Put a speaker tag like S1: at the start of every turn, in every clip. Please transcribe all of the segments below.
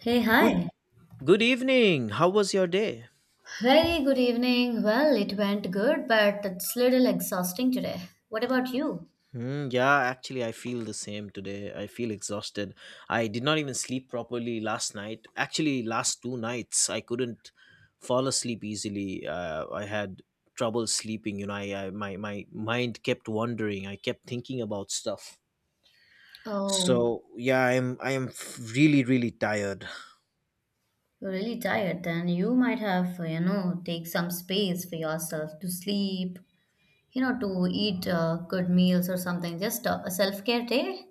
S1: Hey,
S2: Good
S1: hi.
S2: good evening. How was your day?
S1: Very good evening. Well, it went good, but it's little exhausting today. What about you?
S2: Yeah, actually I feel the same today. I feel exhausted. I did not even sleep properly last night. Actually last two nights I couldn't fall asleep easily. I had trouble sleeping, I my mind kept wandering. I kept thinking about stuff.
S1: Oh,
S2: So, yeah, I am really tired.
S1: you're really tired then. You might have, you know, take some space for yourself to sleep, you know, to eat good meals or something. Just a self-care day.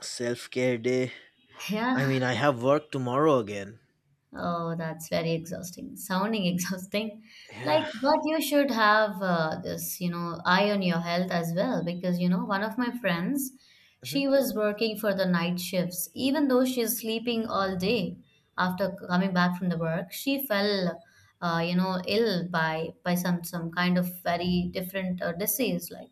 S2: Self-care day.
S1: Yeah.
S2: I mean, I have work tomorrow again.
S1: Oh, that's very exhausting. Sounding exhausting. Like,
S2: Yeah.
S1: but you should have this, you know, eye on your health as well. Because, you know, one of my friends,
S2: Mhm.
S1: she was working for the night shifts. Even though she's sleeping all day after coming back from the work, she fell, you know, ill by some kind of very different disease, like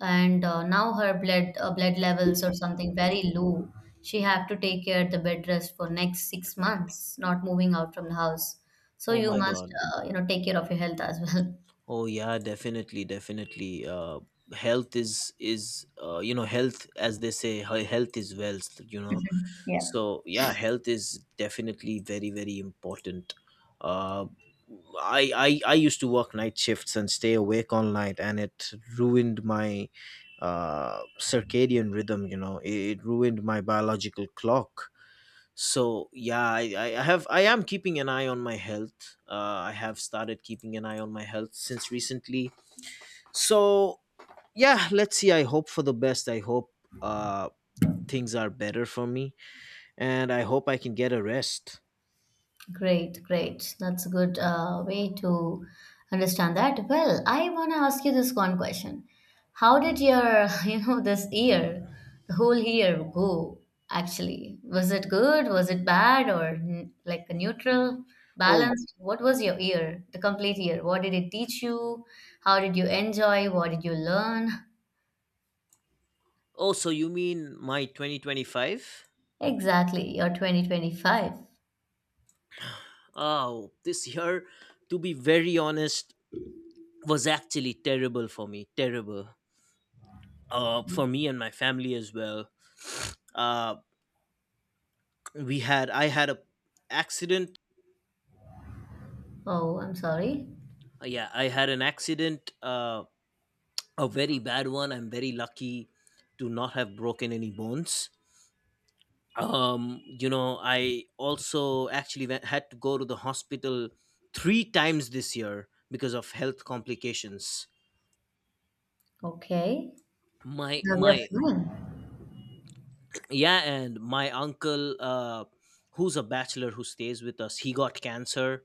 S1: and now her blood blood levels or something very low. She have to take care of the bed rest for next 6 months, not moving out from the house. So
S2: Oh
S1: you, oh,
S2: my
S1: must
S2: god.
S1: you know, take care of your health as well.
S2: Oh yeah, definitely, definitely. Health is health as they say health is wealth. You know,
S1: Yeah.
S2: so yeah, health is definitely very important. Uh, I used to work night shifts and stay awake all night, and it ruined my circadian rhythm. It ruined my biological clock. So yeah, I am keeping an eye on my health. I have started keeping an eye on my health since recently. So yeah, let's see. I hope for the best. I hope uh, things are better for me, and I hope I can get a rest.
S1: Great, great. That's a good way to understand that. Well, I want to ask you this one question. How did your, you know, this year, the whole year go actually? Was it good? Was it bad? Or like a neutral,
S2: oh y-
S1: balanced? What was your year, the complete year? What did it teach you? How did you enjoy? What did you learn?
S2: oh, so you mean my 2025?
S1: Exactly, your 2025.
S2: Oh, this year, to be very honest, was actually terrible for me. Terrible for me and my family as well. Uh, we had i had a accident.
S1: Oh, I'm sorry.
S2: Yeah I had an accident, a very bad one. I'm very lucky to not have broken any bones. um you know, I also actually had to go to the hospital three times this year because of health complications.
S1: Okay.
S2: my
S1: Now we are
S2: my
S1: fine.
S2: Yeah, and my uncle uh who's a bachelor, who stays with us, he got cancer.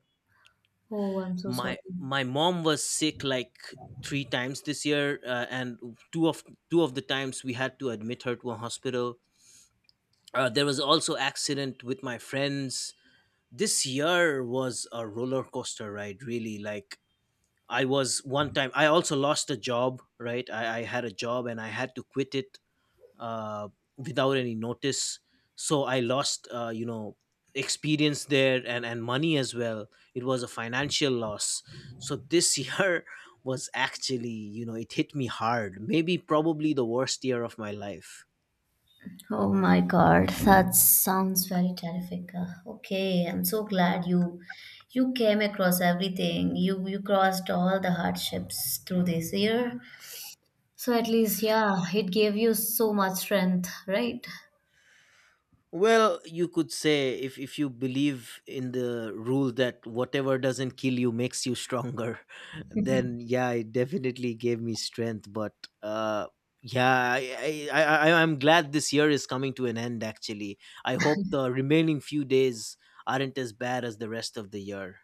S1: Oh, I'm so sorry.
S2: My mom was sick like three times this year, and two of two of the times we had to admit her to a hospital. There was also accident with my friends. This year was a roller coaster ride, really. Like, I was one time I also lost a job, right? I had a job and I had to quit it, uh, without any notice. So I lost, experience there, and money as well. It was a financial loss. So this year was actually, you know, it hit me hard. Maybe probably the worst year of my life.
S1: Oh my God, that sounds very terrific. Okay, I'm so glad you you came across everything. You crossed all the hardships through this year. So at least, yeah, it gave you so much strength, right?
S2: Well, you could say, if you believe in the rule that whatever doesn't kill you makes you stronger, then yeah, it definitely gave me strength. But uh, yeah, I, I, I, I'm glad this year is coming to an end, actually. I hope the remaining few days aren't as bad as the rest of the year.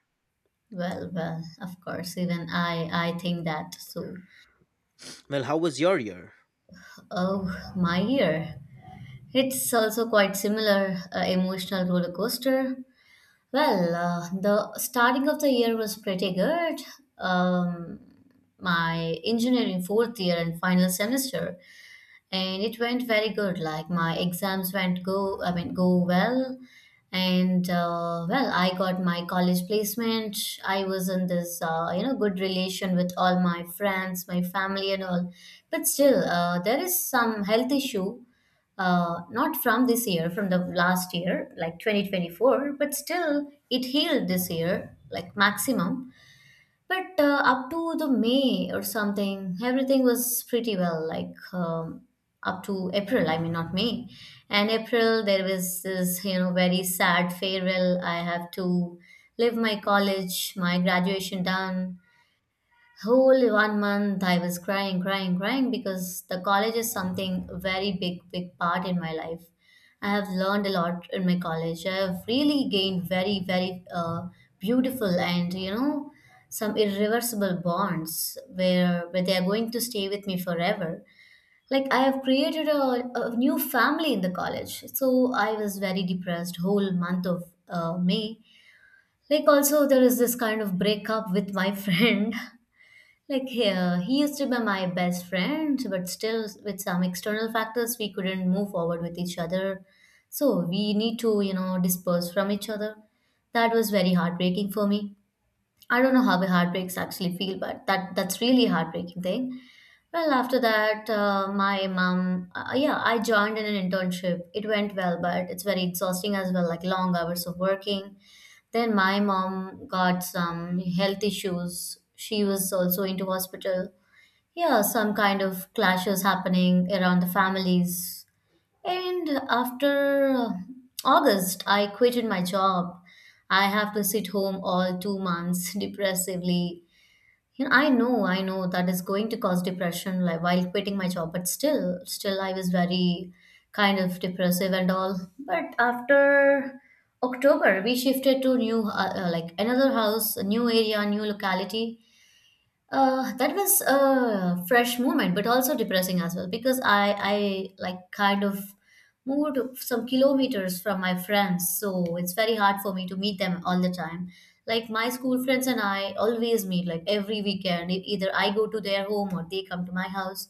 S1: Well, well, of course, even I think that. So,
S2: Well, how was your year?
S1: oh, my year. It's also quite similar, emotional roller coaster. Well, the starting of the year was pretty good. Um, my engineering fourth year and final semester, and it went very good. Like my exams went I mean, go well, and well, I got my college placement. I was in this, you know, good relation with all my friends, my family, and all. But still, there is some health issue. Not from this year, from the last year, like 2024, but still it healed this year, like maximum. But up to the May or something, everything was pretty well, like up to April, I mean, not May. And April, there was this, you know, very sad farewell. I have to leave my college, my graduation done. Whole one month I was crying, crying, crying because the college is something very big part in my life. I have learned a lot in my college. I have really gained very, very beautiful and you know some irreversible bonds where they are going to stay with me forever. Like I have created a new family in the college. So I was very depressed whole month of May. Like also there is this kind of breakup with my friend like here, he used to be my best friend, but still, with some external factors, we couldn't move forward with each other. So we need to, you know, disperse from each other. That was very heartbreaking for me. I don't know how the heartbreaks actually feel, but that's really heartbreaking thing. Well, after that, my yeah, I joined in an internship. It went well, but it's very exhausting as well, like long hours of working. Then my mom got some health issues. She was also into hospital. Yeah, some kind of clashes happening around the families. And after August, I quitted my job. I have to sit home all 2 months depressively. You know, I know that is going to cause depression like while quitting my job, but still I was very kind of depressive and all. But after October, we shifted to new like another house, a new area, new locality. That was a fresh moment, but also depressing as well because I like kind of moved some kilometers from my friends, so it's very hard for me to meet them all the time. Like my school friends and I always meet like every weekend. Either I go to their home or they come to my house,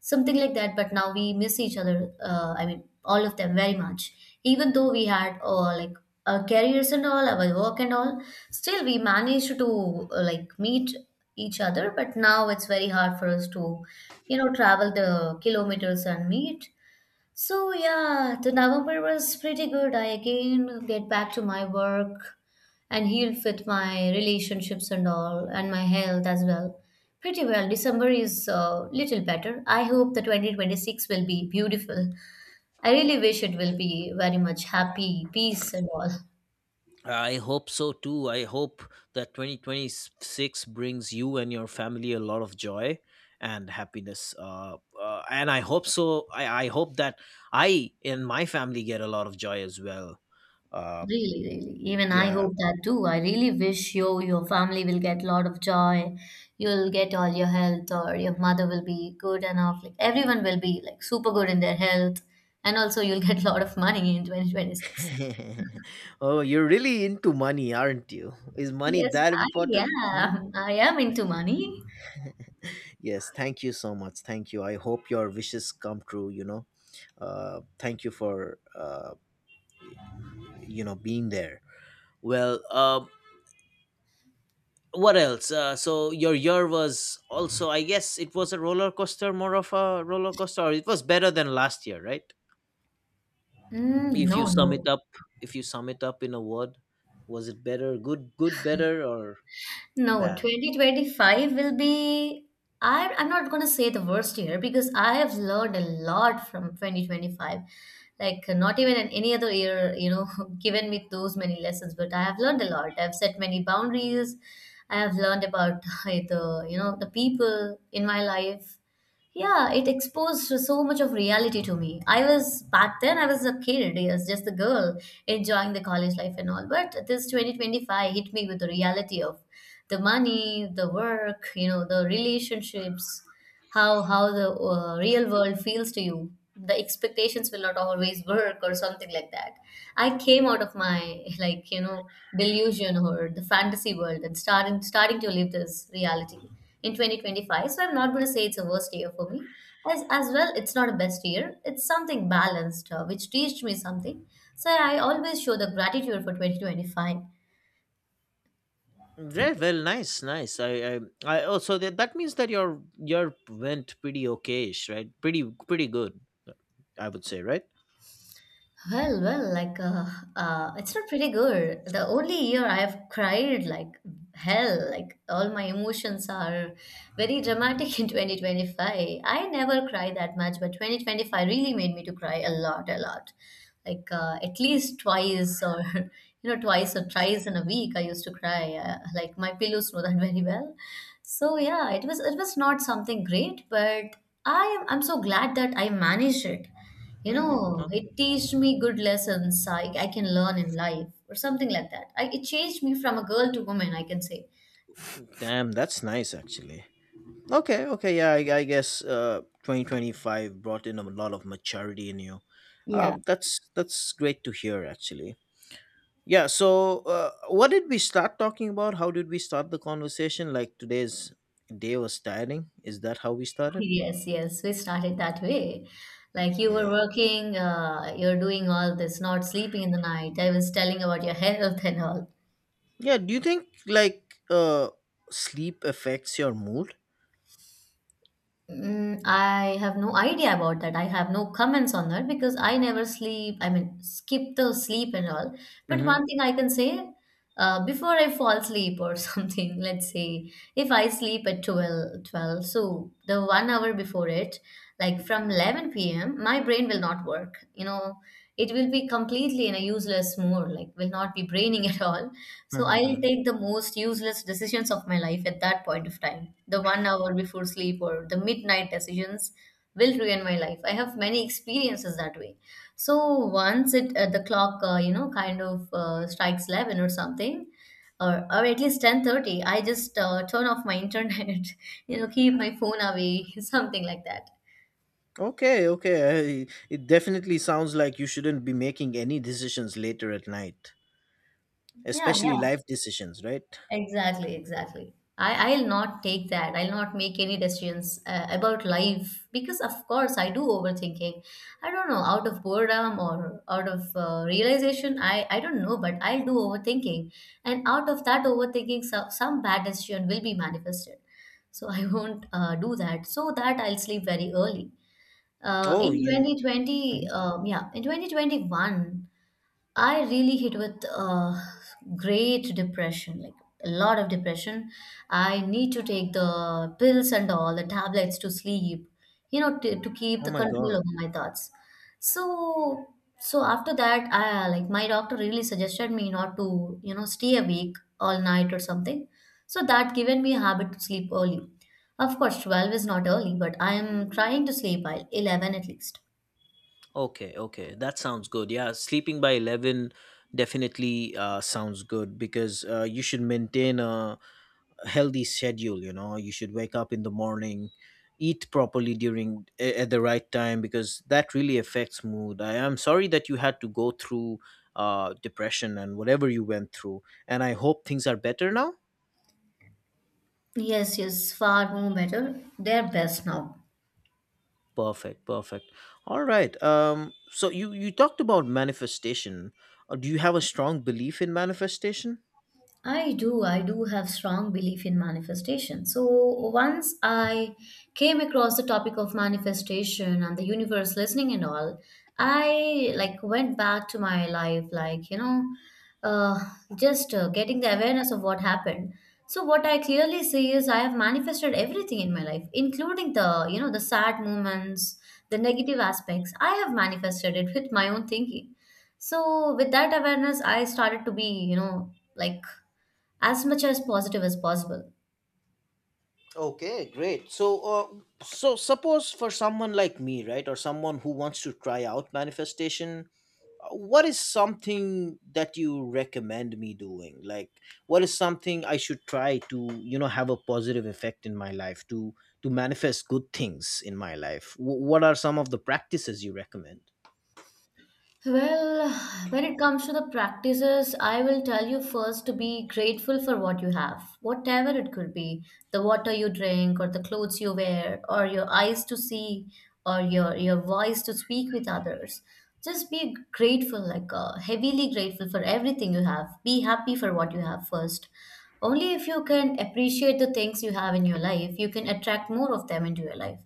S1: something like that. But now we miss each other, I mean all of them, very much. Even though we had like our careers and all, our work and all, still we managed to like meet each other. But now it's very hard for us to, you know, travel the kilometers and meet. So yeah, the November was pretty good. I again get back to my work and heal with my relationships and all, and my health as well. Pretty well. December is a little better. I hope the 2026 will be beautiful. I really wish it will be very much happy, peace and all.
S2: I hope so too. I hope that 2026 brings you and your family a lot of joy and happiness. And I hope so. I hope that I and my family get a lot of joy as well. Uh,
S1: Really, really. Even I
S2: yeah.
S1: hope that too. I really wish you, your family will get a lot of joy. You'll get all your health, or your mother will be good enough. Like everyone will be like super good in their health, and also you'll get a lot of money in 2026.
S2: Oh, you're really into money, aren't you? Is money
S1: Yes,
S2: that
S1: I
S2: important? Hmm?
S1: am. I am into money.
S2: Yes, thank you so much. Thank you. I hope your wishes come true, you know. Thank you for, being there. Well, what else? So your year was also, I guess, it was a roller coaster, more of a roller coaster. Or it was better than last year, right?
S1: Mm,
S2: If
S1: no,
S2: you sum it
S1: no.
S2: up, If you sum it up in a word, was it better, good, better, or
S1: No,
S2: bad?
S1: 2025 will be. I'm not going to say the worst year because I have learned a lot from 2025. Like, not even in any other year, you know, given me those many lessons, but I have learned a lot. I've set many boundaries. I have learned about the, you know, the people in my life. Yeah, it exposed so much of reality to me. I was back then, I was a kid, yes, just a girl enjoying the college life and all. But this 2025 hit me with the reality of the money, the work, you know, the relationships, how the real world feels to you. The expectations will not always work or something like that. I came out of my like you know delusion or the fantasy world and starting to live this reality in 2025. So I'm not going to say it's a worst year for me. As well, it's not a best year. It's something balanced, which teached me something. So I always show the gratitude for 2025.
S2: Right. Well, nice, nice. I. Oh, so that that means that your went pretty okayish, right? Pretty good. I would say, right?
S1: Well, well, like it's not pretty good. The only year I have cried like hell, like all my emotions are very dramatic in 2025. I never cry that much, but 2025 really made me to cry a lot, a lot. Like at least twice or you know twice or thrice in a week I used to cry. Like my pillows know that very well. So yeah, it was not something great, but I'm so glad that I managed it. You
S2: Mm-hmm.
S1: know,
S2: Okay.
S1: it teached me good lessons I can learn in life or something like that. I, it changed me from a girl to woman, I can say.
S2: Damn, that's nice actually. Okay, okay, yeah, I guess 2025 brought in a lot of maturity in you.
S1: Yeah.
S2: That's great to hear actually. Yeah, so what did we start talking about? How did we start the conversation? Like today's day was tiring. Is that how we started?
S1: Yes, yes, we started that way. Like you were
S2: Yeah.
S1: working, you're doing all this, not sleeping in the night. I was telling about your health and all.
S2: Yeah, do you think like sleep affects your mood?
S1: Mm, I have no idea about that. I have no comments on that because I never sleep. I mean, skip the sleep and all. But
S2: hmm
S1: one thing I can say, before I fall asleep or something, let's say if I sleep at twelve, so the one hour before it, like from 11 p.m., my brain will not work. You know, it will be completely in a useless mode, like will not be braining at all. So I'll take the most useless decisions of my life at that point of time. The one hour before sleep or the midnight decisions will ruin my life. I have many experiences that way. So once it the clock, you know, kind of strikes eleven or something, or at least 10:30, I just turn off my internet, you know, keep my phone away, something like that.
S2: Okay, okay. I, it definitely sounds like you shouldn't be making any decisions later at night,
S1: Yeah, yeah.
S2: especially life decisions, right?
S1: Exactly, exactly. I'll not take that. I'll not make any decisions about life because, of course, I do overthinking. I don't know, out of boredom or out of realization, I don't know, but I'll do overthinking. And out of that overthinking, so, some bad decision will be manifested. So I won't do that. So that I'll sleep very early.
S2: Oh,
S1: In
S2: you.
S1: 2020,
S2: Mhm.
S1: um, yeah, in 2021. I really hit with great depression, like a lot of depression. I need to take the pills and all the tablets to sleep, you know, to keep
S2: Oh
S1: the
S2: my
S1: control
S2: god.
S1: over my thoughts. So, so after that, I like my doctor really suggested me not to, stay awake all night or something. So that given me a habit to sleep early. Of course, 12 is not early, but I am trying to sleep by 11 at least.
S2: Okay, okay, that sounds good. Yeah, sleeping by 11 definitely sounds good because you should maintain a healthy schedule. You know, you should wake up in the morning, eat properly during at the right time because that really affects mood. I am sorry that you had to go through depression and whatever you went through, and I hope things are better now.
S1: Yes, yes, far more better. They're best now.
S2: Perfect, perfect. All right. So you you talked about manifestation. Do you have a strong belief in manifestation?
S1: I do. I do have strong belief in manifestation. So once I came across the topic of manifestation and the universe listening and all, I like went back to my life, like you know, uh, just uh, getting the awareness of what happened. So what I clearly see is I have manifested everything in my life, including the you know the sad moments, the negative aspects. I have manifested it with my own thinking. So with that awareness, I started to be like as much as positive as possible.
S2: Okay, great. So, so suppose for someone like me, right, or someone who wants to try out manifestation, what is something that you recommend me doing? Like, what is something I should try to, you know, have a positive effect in my life to manifest good things in my life? What are some of the practices you recommend?
S1: Well, when it comes to the practices, I will tell you first to be grateful for what you have, whatever it could be the water you drink, or the clothes you wear, or your eyes to see, or your voice to speak with others. Just be grateful, heavily grateful for everything you have. Be happy for what you have first. Only if you can appreciate the things you have in your life, you can attract more of them into your life.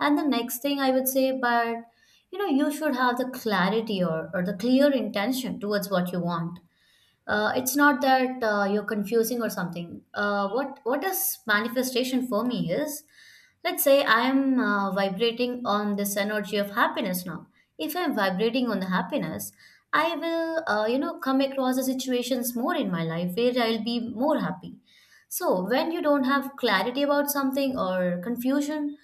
S1: And the next thing I would say, but you should have the clarity or the clear intention towards what you want. It's not that you're confusing or something. What is manifestation for me is, let's say I am vibrating on this energy of happiness now. If I'm vibrating on the happiness, I will come across the situations more in my life where I'll be more happy. So when you don't have clarity about something or confusion,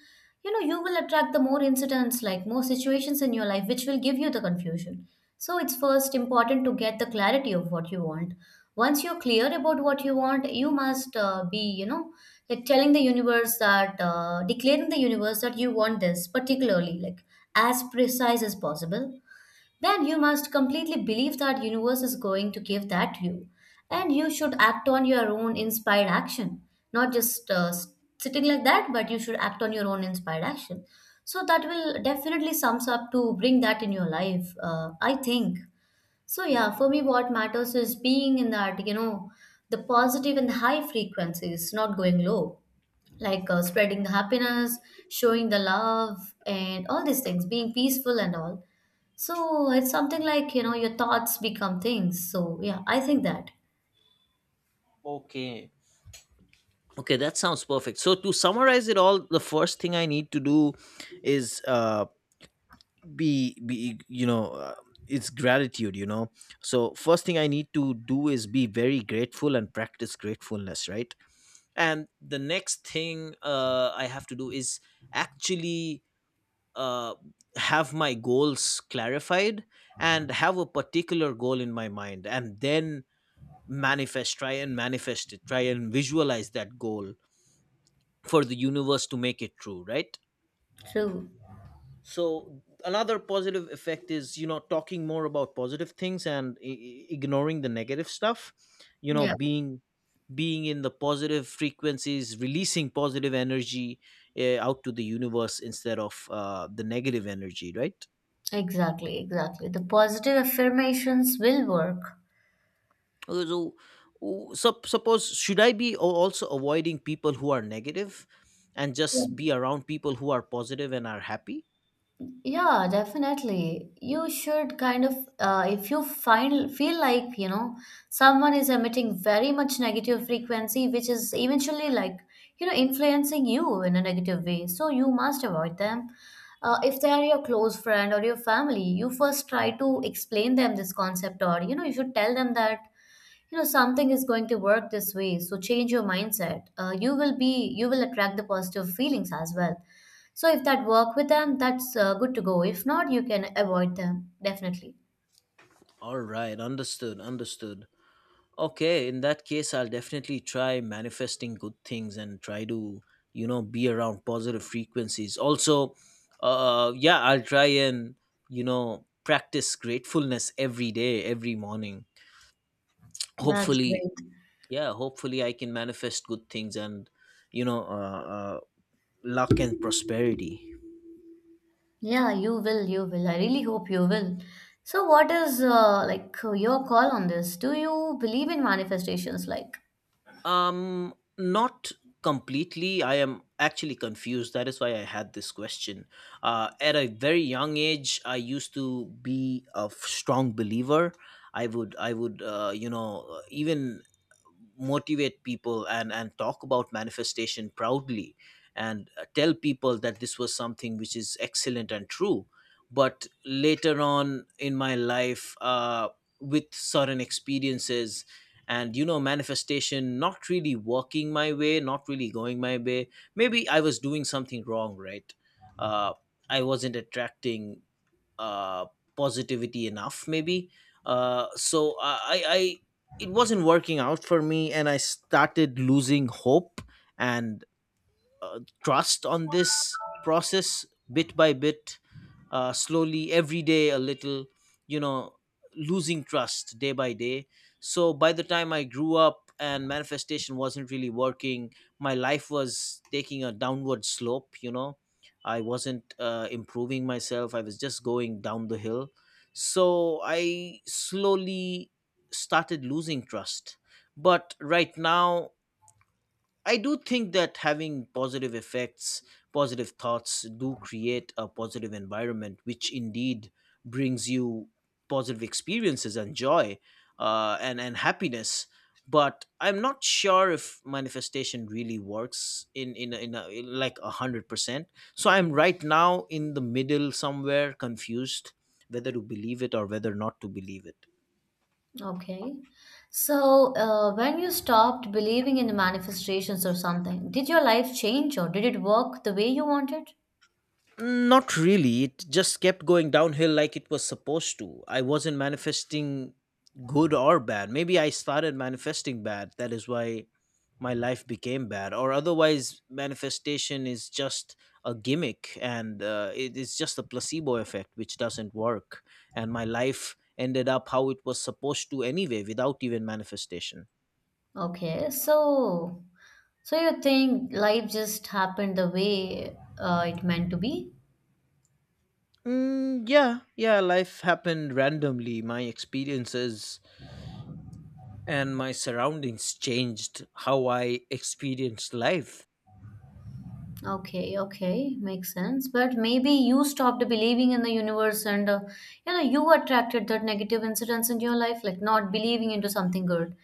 S1: you will attract the more incidents, like more situations in your life, which will give you the confusion. So it's first important to get the clarity of what you want. Once you're clear about what you want, you must be, like telling the universe that, declaring the universe that you want this particularly, like as precise as possible. Then you must completely believe that universe is going to give that to you, and you should act on your own inspired action, not just sitting like that, but you should act on your own inspired action. So that will definitely sums up to bring that in your life, I think. So yeah, for me, what matters is being in that, the positive and high frequencies, not going low, like spreading the happiness, showing the love, and all these things, being peaceful and all. So it's something like, your thoughts become things. So yeah, I think that.
S2: Okay. Okay, that sounds perfect. So to summarize it all, the first thing I need to do is be you know it's gratitude, you know. So first thing I need to do is be very grateful and practice gratefulness, right? And the next thing, I have to do is actually, uh, have my goals clarified and have a particular goal in my mind, and then manifest. Try and manifest it. Try and visualize that goal for the universe to make it true, right?
S1: True.
S2: So another positive effect is, you know, talking more about positive things and ignoring the negative stuff. you know
S1: Yeah,
S2: being Being in the positive frequencies, releasing positive energy out to the universe instead of the negative energy, right?
S1: exactly, exactly. The positive affirmations will work.
S2: Uh, so Suppose, should I be also avoiding people who are negative and
S1: Yeah.
S2: just be around people who are positive and are happy?
S1: Yeah, definitely. You should kind of, if you find feel like, someone is emitting very much negative frequency, which is eventually like, influencing you in a negative way. So you must avoid them. If they are your close friend or your family, you first try to explain them this concept, or you should tell them that something is going to work this way, so change your mindset. You will be, you will attract the positive feelings as well. So if that work with them, that's good to go. If not, you can avoid them definitely.
S2: All right, understood. Okay, in that case, I'll definitely try manifesting good things and try to, you know, be around positive frequencies. Also, yeah, I'll try and, you know, practice gratefulness every day, every morning.
S1: That's
S2: Hopefully,
S1: great.
S2: yeah, hopefully I can manifest good things and, you know, luck and prosperity.
S1: Yeah, you will, you will. I really hope you will. So what is like your call on this? Do you believe in manifestations, like?
S2: Not completely. I am actually confused. That is why I had this question. At a very young age, I used to be a strong believer. I would, even motivate people and talk about manifestation proudly, and tell people that this was something which is excellent and true. But later on in my life, with certain experiences and, you know, manifestation not really working my way, not really going my way. Maybe I was doing something wrong, right? uh, I wasn't attracting uh, positivity enough, maybe. So it wasn't working out for me and I started losing hope and trust on this process bit by bit, slowly every day a little, you know, losing trust day by day. So by the time I grew up and manifestation wasn't really working, my life was taking a downward slope, you know. I wasn't improving myself. I was just going down the hill. So I slowly started losing trust. But right now, I do think that having positive effects, positive thoughts do create a positive environment, which indeed brings you positive experiences and joy, and happiness. But I'm not sure if manifestation really works in like 100%. So I'm right now in the middle somewhere, confused whether to believe it or whether not to believe it.
S1: Okay. So when you stopped believing in the manifestations or something, did your life change or did it work the way you wanted?
S2: Not really. It just kept going downhill like it was supposed to. I wasn't manifesting good or bad. Maybe I started manifesting bad. That is why my life became bad. Or otherwise, manifestation is just a gimmick and it is just a placebo effect which doesn't work. And my life ended up how it was supposed to anyway without even manifestation.
S1: Okay, so you think life just happened the way it meant to be?
S2: Mm, yeah, life happened randomly. My experiences and my surroundings changed how I experienced life.
S1: Okay, okay, makes sense. But maybe you stopped believing in the universe, and you attracted that negative incidents in your life, like not believing into something good.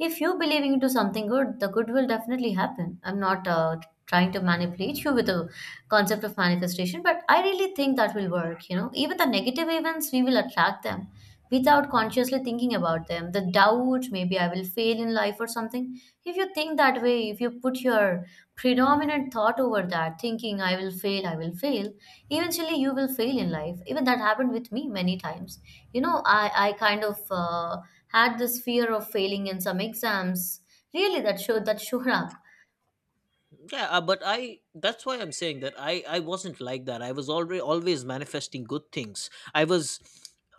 S1: If you believing into something good, the good will definitely happen. I'm not trying to manipulate you with the concept of manifestation, but I really think that will work. You know, even the negative events, we will attract them without consciously thinking about them, the doubt, maybe I will fail in life or something. If you think that way, if you put your predominant thought over that, thinking I will fail, I will fail, eventually you will fail in life. Even that happened with me many times. You know, I kind of had this fear of failing in some exams. Really, that showed
S2: Yeah, but I that's why I'm saying that I wasn't like that. I was already always manifesting good things. I was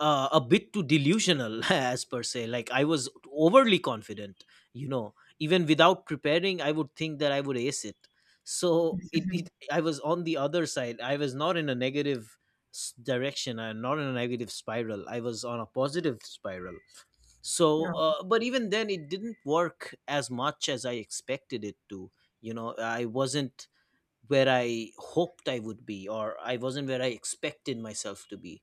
S2: a bit too delusional as per se. Like I was overly confident, you know. Even without preparing, I would think that I would ace it. So it
S1: up.
S2: I was on the other side. I was not in a negative direction and not in a negative spiral. I was on a positive spiral. So but even then it didn't work as much as I expected it to. You know, I wasn't where I hoped I would be, or I wasn't where I expected myself to be.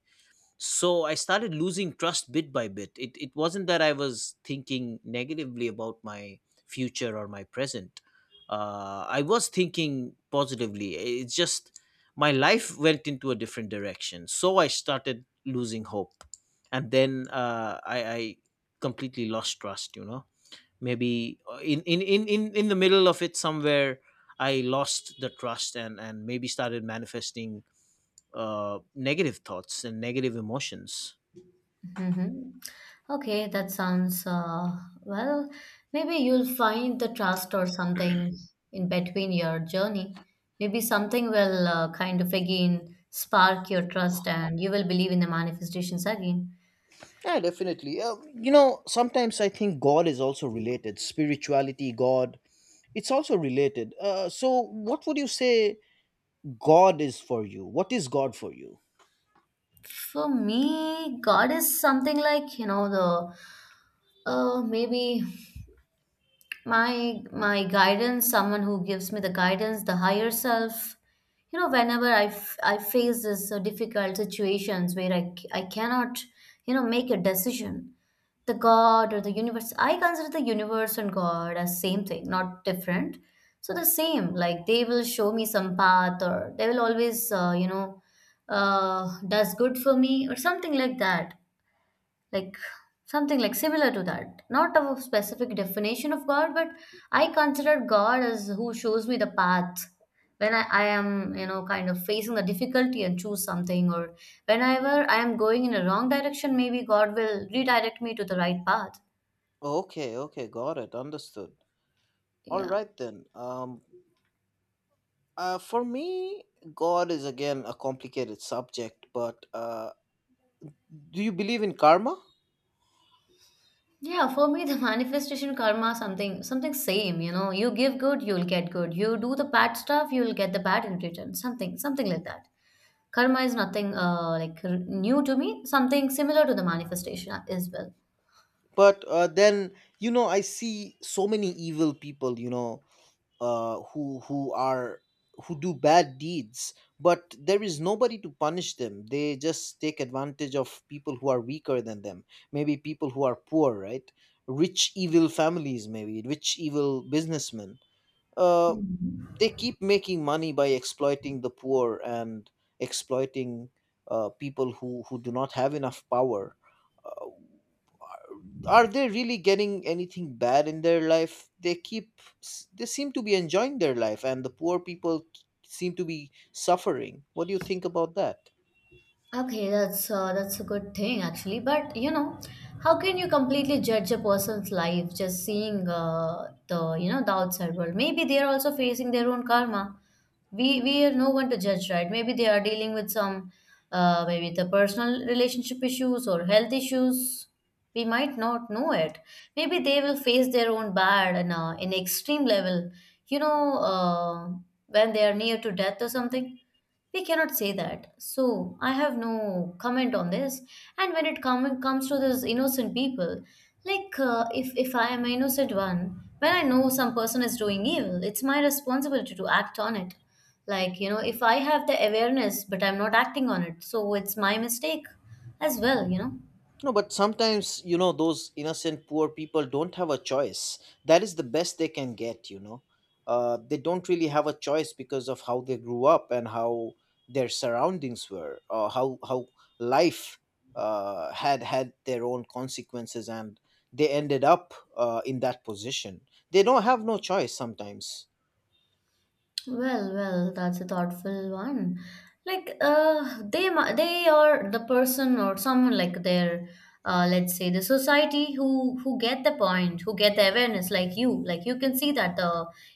S2: So I started losing trust bit by bit. It wasn't that I was thinking negatively about my future or my present. I was thinking positively. It's just my life went into a different direction so I started losing hope. And then I completely lost trust, you know. Maybe in the middle of it somewhere, I lost the trust, and maybe started manifesting negative thoughts and negative emotions.
S1: Mm-hmm. Okay, that sounds well. Maybe you'll find the trust or something in between your journey. Maybe something will kind of again spark your trust and you will believe in the manifestations again.
S2: Yeah, definitely. You know, sometimes I think God is also related. Spirituality, God, it's also related. So, what would you say God is for you? What is God for you?
S1: For me, God is something like, you know, the maybe, my guidance, someone who gives me the guidance, the higher self. You know, whenever I face this difficult situations where I cannot, you know, make a decision, the god or the universe, I consider the universe and god as same thing, not different. So the same, like they will show me some path, or they will always does good for me or something like that, like something like similar to that, not of a specific definition of god, but I consider god as who shows me the path when I am, you know, kind of facing the difficulty and choose something, or whenever I am going in a wrong direction, maybe god will redirect me to the right path.
S2: Okay, okay, got it, understood. All
S1: Yeah,
S2: right then. For me, God is again a complicated subject, but do you believe in karma?
S1: yeah, for me the manifestation, karma, something something same, you know, you give good, you'll get good, you do the bad stuff, you'll get the bad in return, something something like that. Karma is nothing new to me, something similar to the manifestation as well.
S2: But then, you know, I see so many evil people. You know, who are who do bad deeds, but there is nobody to punish them. They just take advantage of people who are weaker than them. Maybe people who are poor, right? Rich evil families, maybe rich evil businessmen, uh,
S1: Mhm.
S2: they keep making money by exploiting the poor and exploiting people who do not have enough power. Uh are they really getting anything bad in their life? They keep, they seem to be enjoying their life, and the poor people seem to be suffering. What do you think about that?
S1: Okay, that's a good thing actually. But you know, how can you completely judge a person's life just seeing the you know the outside world? Maybe they are also facing their own karma. We are no one to judge, right? Maybe they are dealing with some, maybe, the personal relationship issues or health issues. We might not know it. Maybe they will face their own bad and in extreme level, you know, when they are near to death or something. We cannot say that. So I have no comment on this. And when it comes to those innocent people, like if I am an innocent one, when I know some person is doing evil, it's my responsibility to act on it. Like you know, if I have the awareness but I'm not acting on it, so it's my mistake as well. You know.
S2: No, but sometimes, you know, those innocent poor people don't have a choice. That is the best they can get, you know. They don't really have a choice because of how they grew up and how their surroundings were, or how life had had their own consequences, and they ended up in that position. They don't have no choice sometimes.
S1: Well, well, that's a thoughtful one. Like, they, they are the person or someone like their, let's say the society, who get the point, who get the awareness, like you. Like you can see that the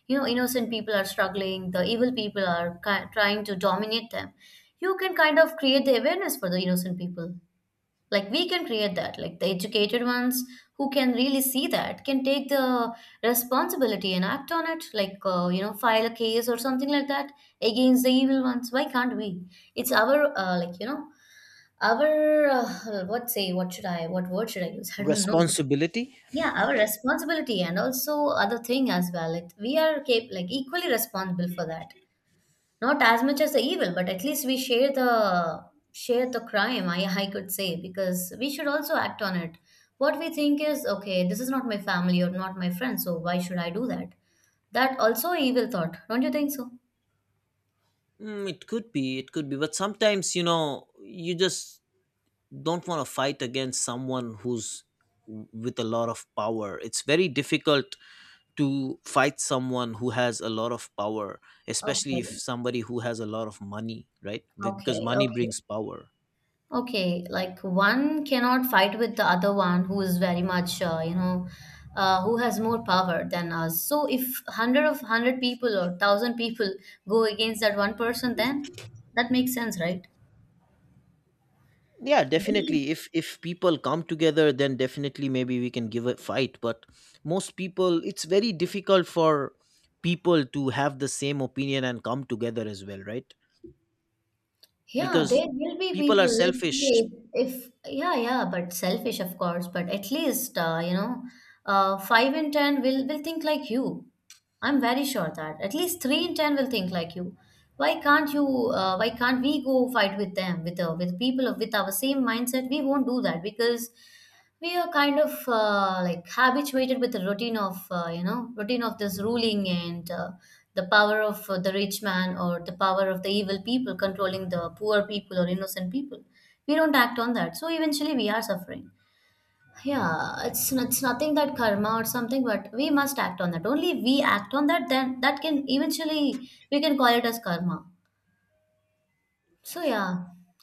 S1: you know innocent people are struggling, the evil people are trying to dominate them. You can kind of create the awareness for the innocent people, like we can create that, like the educated ones who can really see that can take the responsibility and act on it, like you know, file a case or something like that against the evil ones. Why can't we? It's our like, you know, our what say, what should I, what word should I use? I don't know.
S2: Responsibility?
S1: Yeah, our responsibility, and also other thing as well. Like we are like equally responsible for that, not as much as the evil, but at least we share the crime, I could say, because we should also act on it. What we think is, okay, this is not my family or not my friend, so why should I do that? That also evil thought, don't you think so?
S2: Mm, it could be, but sometimes, you know, you just don't want to fight against someone who's with a lot of power. It's very difficult to fight someone who has a lot of power,
S1: Okay,
S2: especially if somebody who has a lot of money, right? Because
S1: okay,
S2: money
S1: okay.
S2: brings power.
S1: Okay, like one cannot fight with the other one who is very much, you know, who has more power than us. So if 100 of 100 people or 1000 people go against that one person, then that makes sense, right?
S2: Yeah, definitely, if people come together, then definitely maybe we can give a fight. But most people, it's very difficult for people to have the same opinion and come together as well, right?
S1: Yeah,
S2: Because
S1: there will be
S2: people are
S1: people, let's
S2: selfish.
S1: say, if, yeah, yeah, but selfish, of course, but at least, you know, 5 in 10 will think like you. I'm very sure that at least 3 in 10 will think like you. Why can't you? Why can't we go fight with them, with people of with our same mindset? We won't do that because we are kind of like habituated with the routine of routine of this ruling, and the power of the rich man, or the power of the evil people controlling the poor people or innocent people. We don't act on that, so eventually we are suffering. Yeah, it's nothing that karma or something, but we must act on that. Only we act on that, then that can eventually, we can call it as karma. So yeah,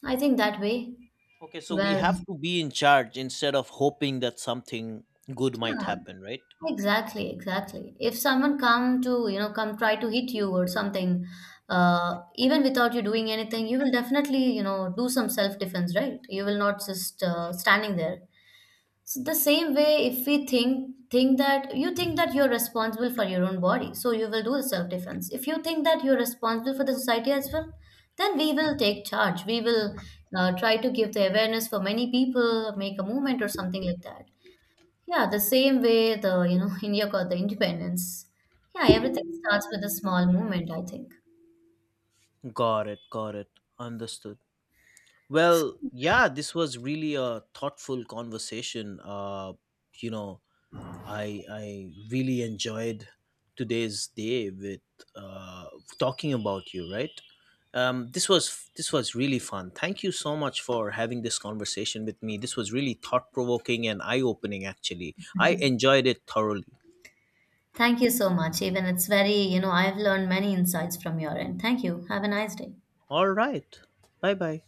S1: I think that way.
S2: Okay, so we
S1: Well.
S2: have to be in charge instead of hoping that something good might
S1: Yeah.
S2: happen, right?
S1: Exactly, exactly. If someone come to, you know, come try to hit you or something, even without you doing anything, you will definitely, you know, do some self-defense, right? You will not just standing there. So the same way, if we think that, you think that you're responsible for your own body, so you will do the self-defense. If you think that you're responsible for the society as well, then we will take charge. We will try to give the awareness for many people, make a movement or something like that. Yeah, the same way the, you know, India got the independence. Yeah, everything starts with a small movement, I think.
S2: Got it, got it. Understood. Well, yeah, this was really a thoughtful conversation. You know, I really enjoyed today's day with uh talking about you, right? This was really fun. Thank you so much for having this conversation with me. This was really thought provoking and eye opening. Actually, I enjoyed it thoroughly.
S1: Thank you so much. Even it's very, you know, I've learned many insights from your end. Thank you. Have a nice day.
S2: All right. Bye bye.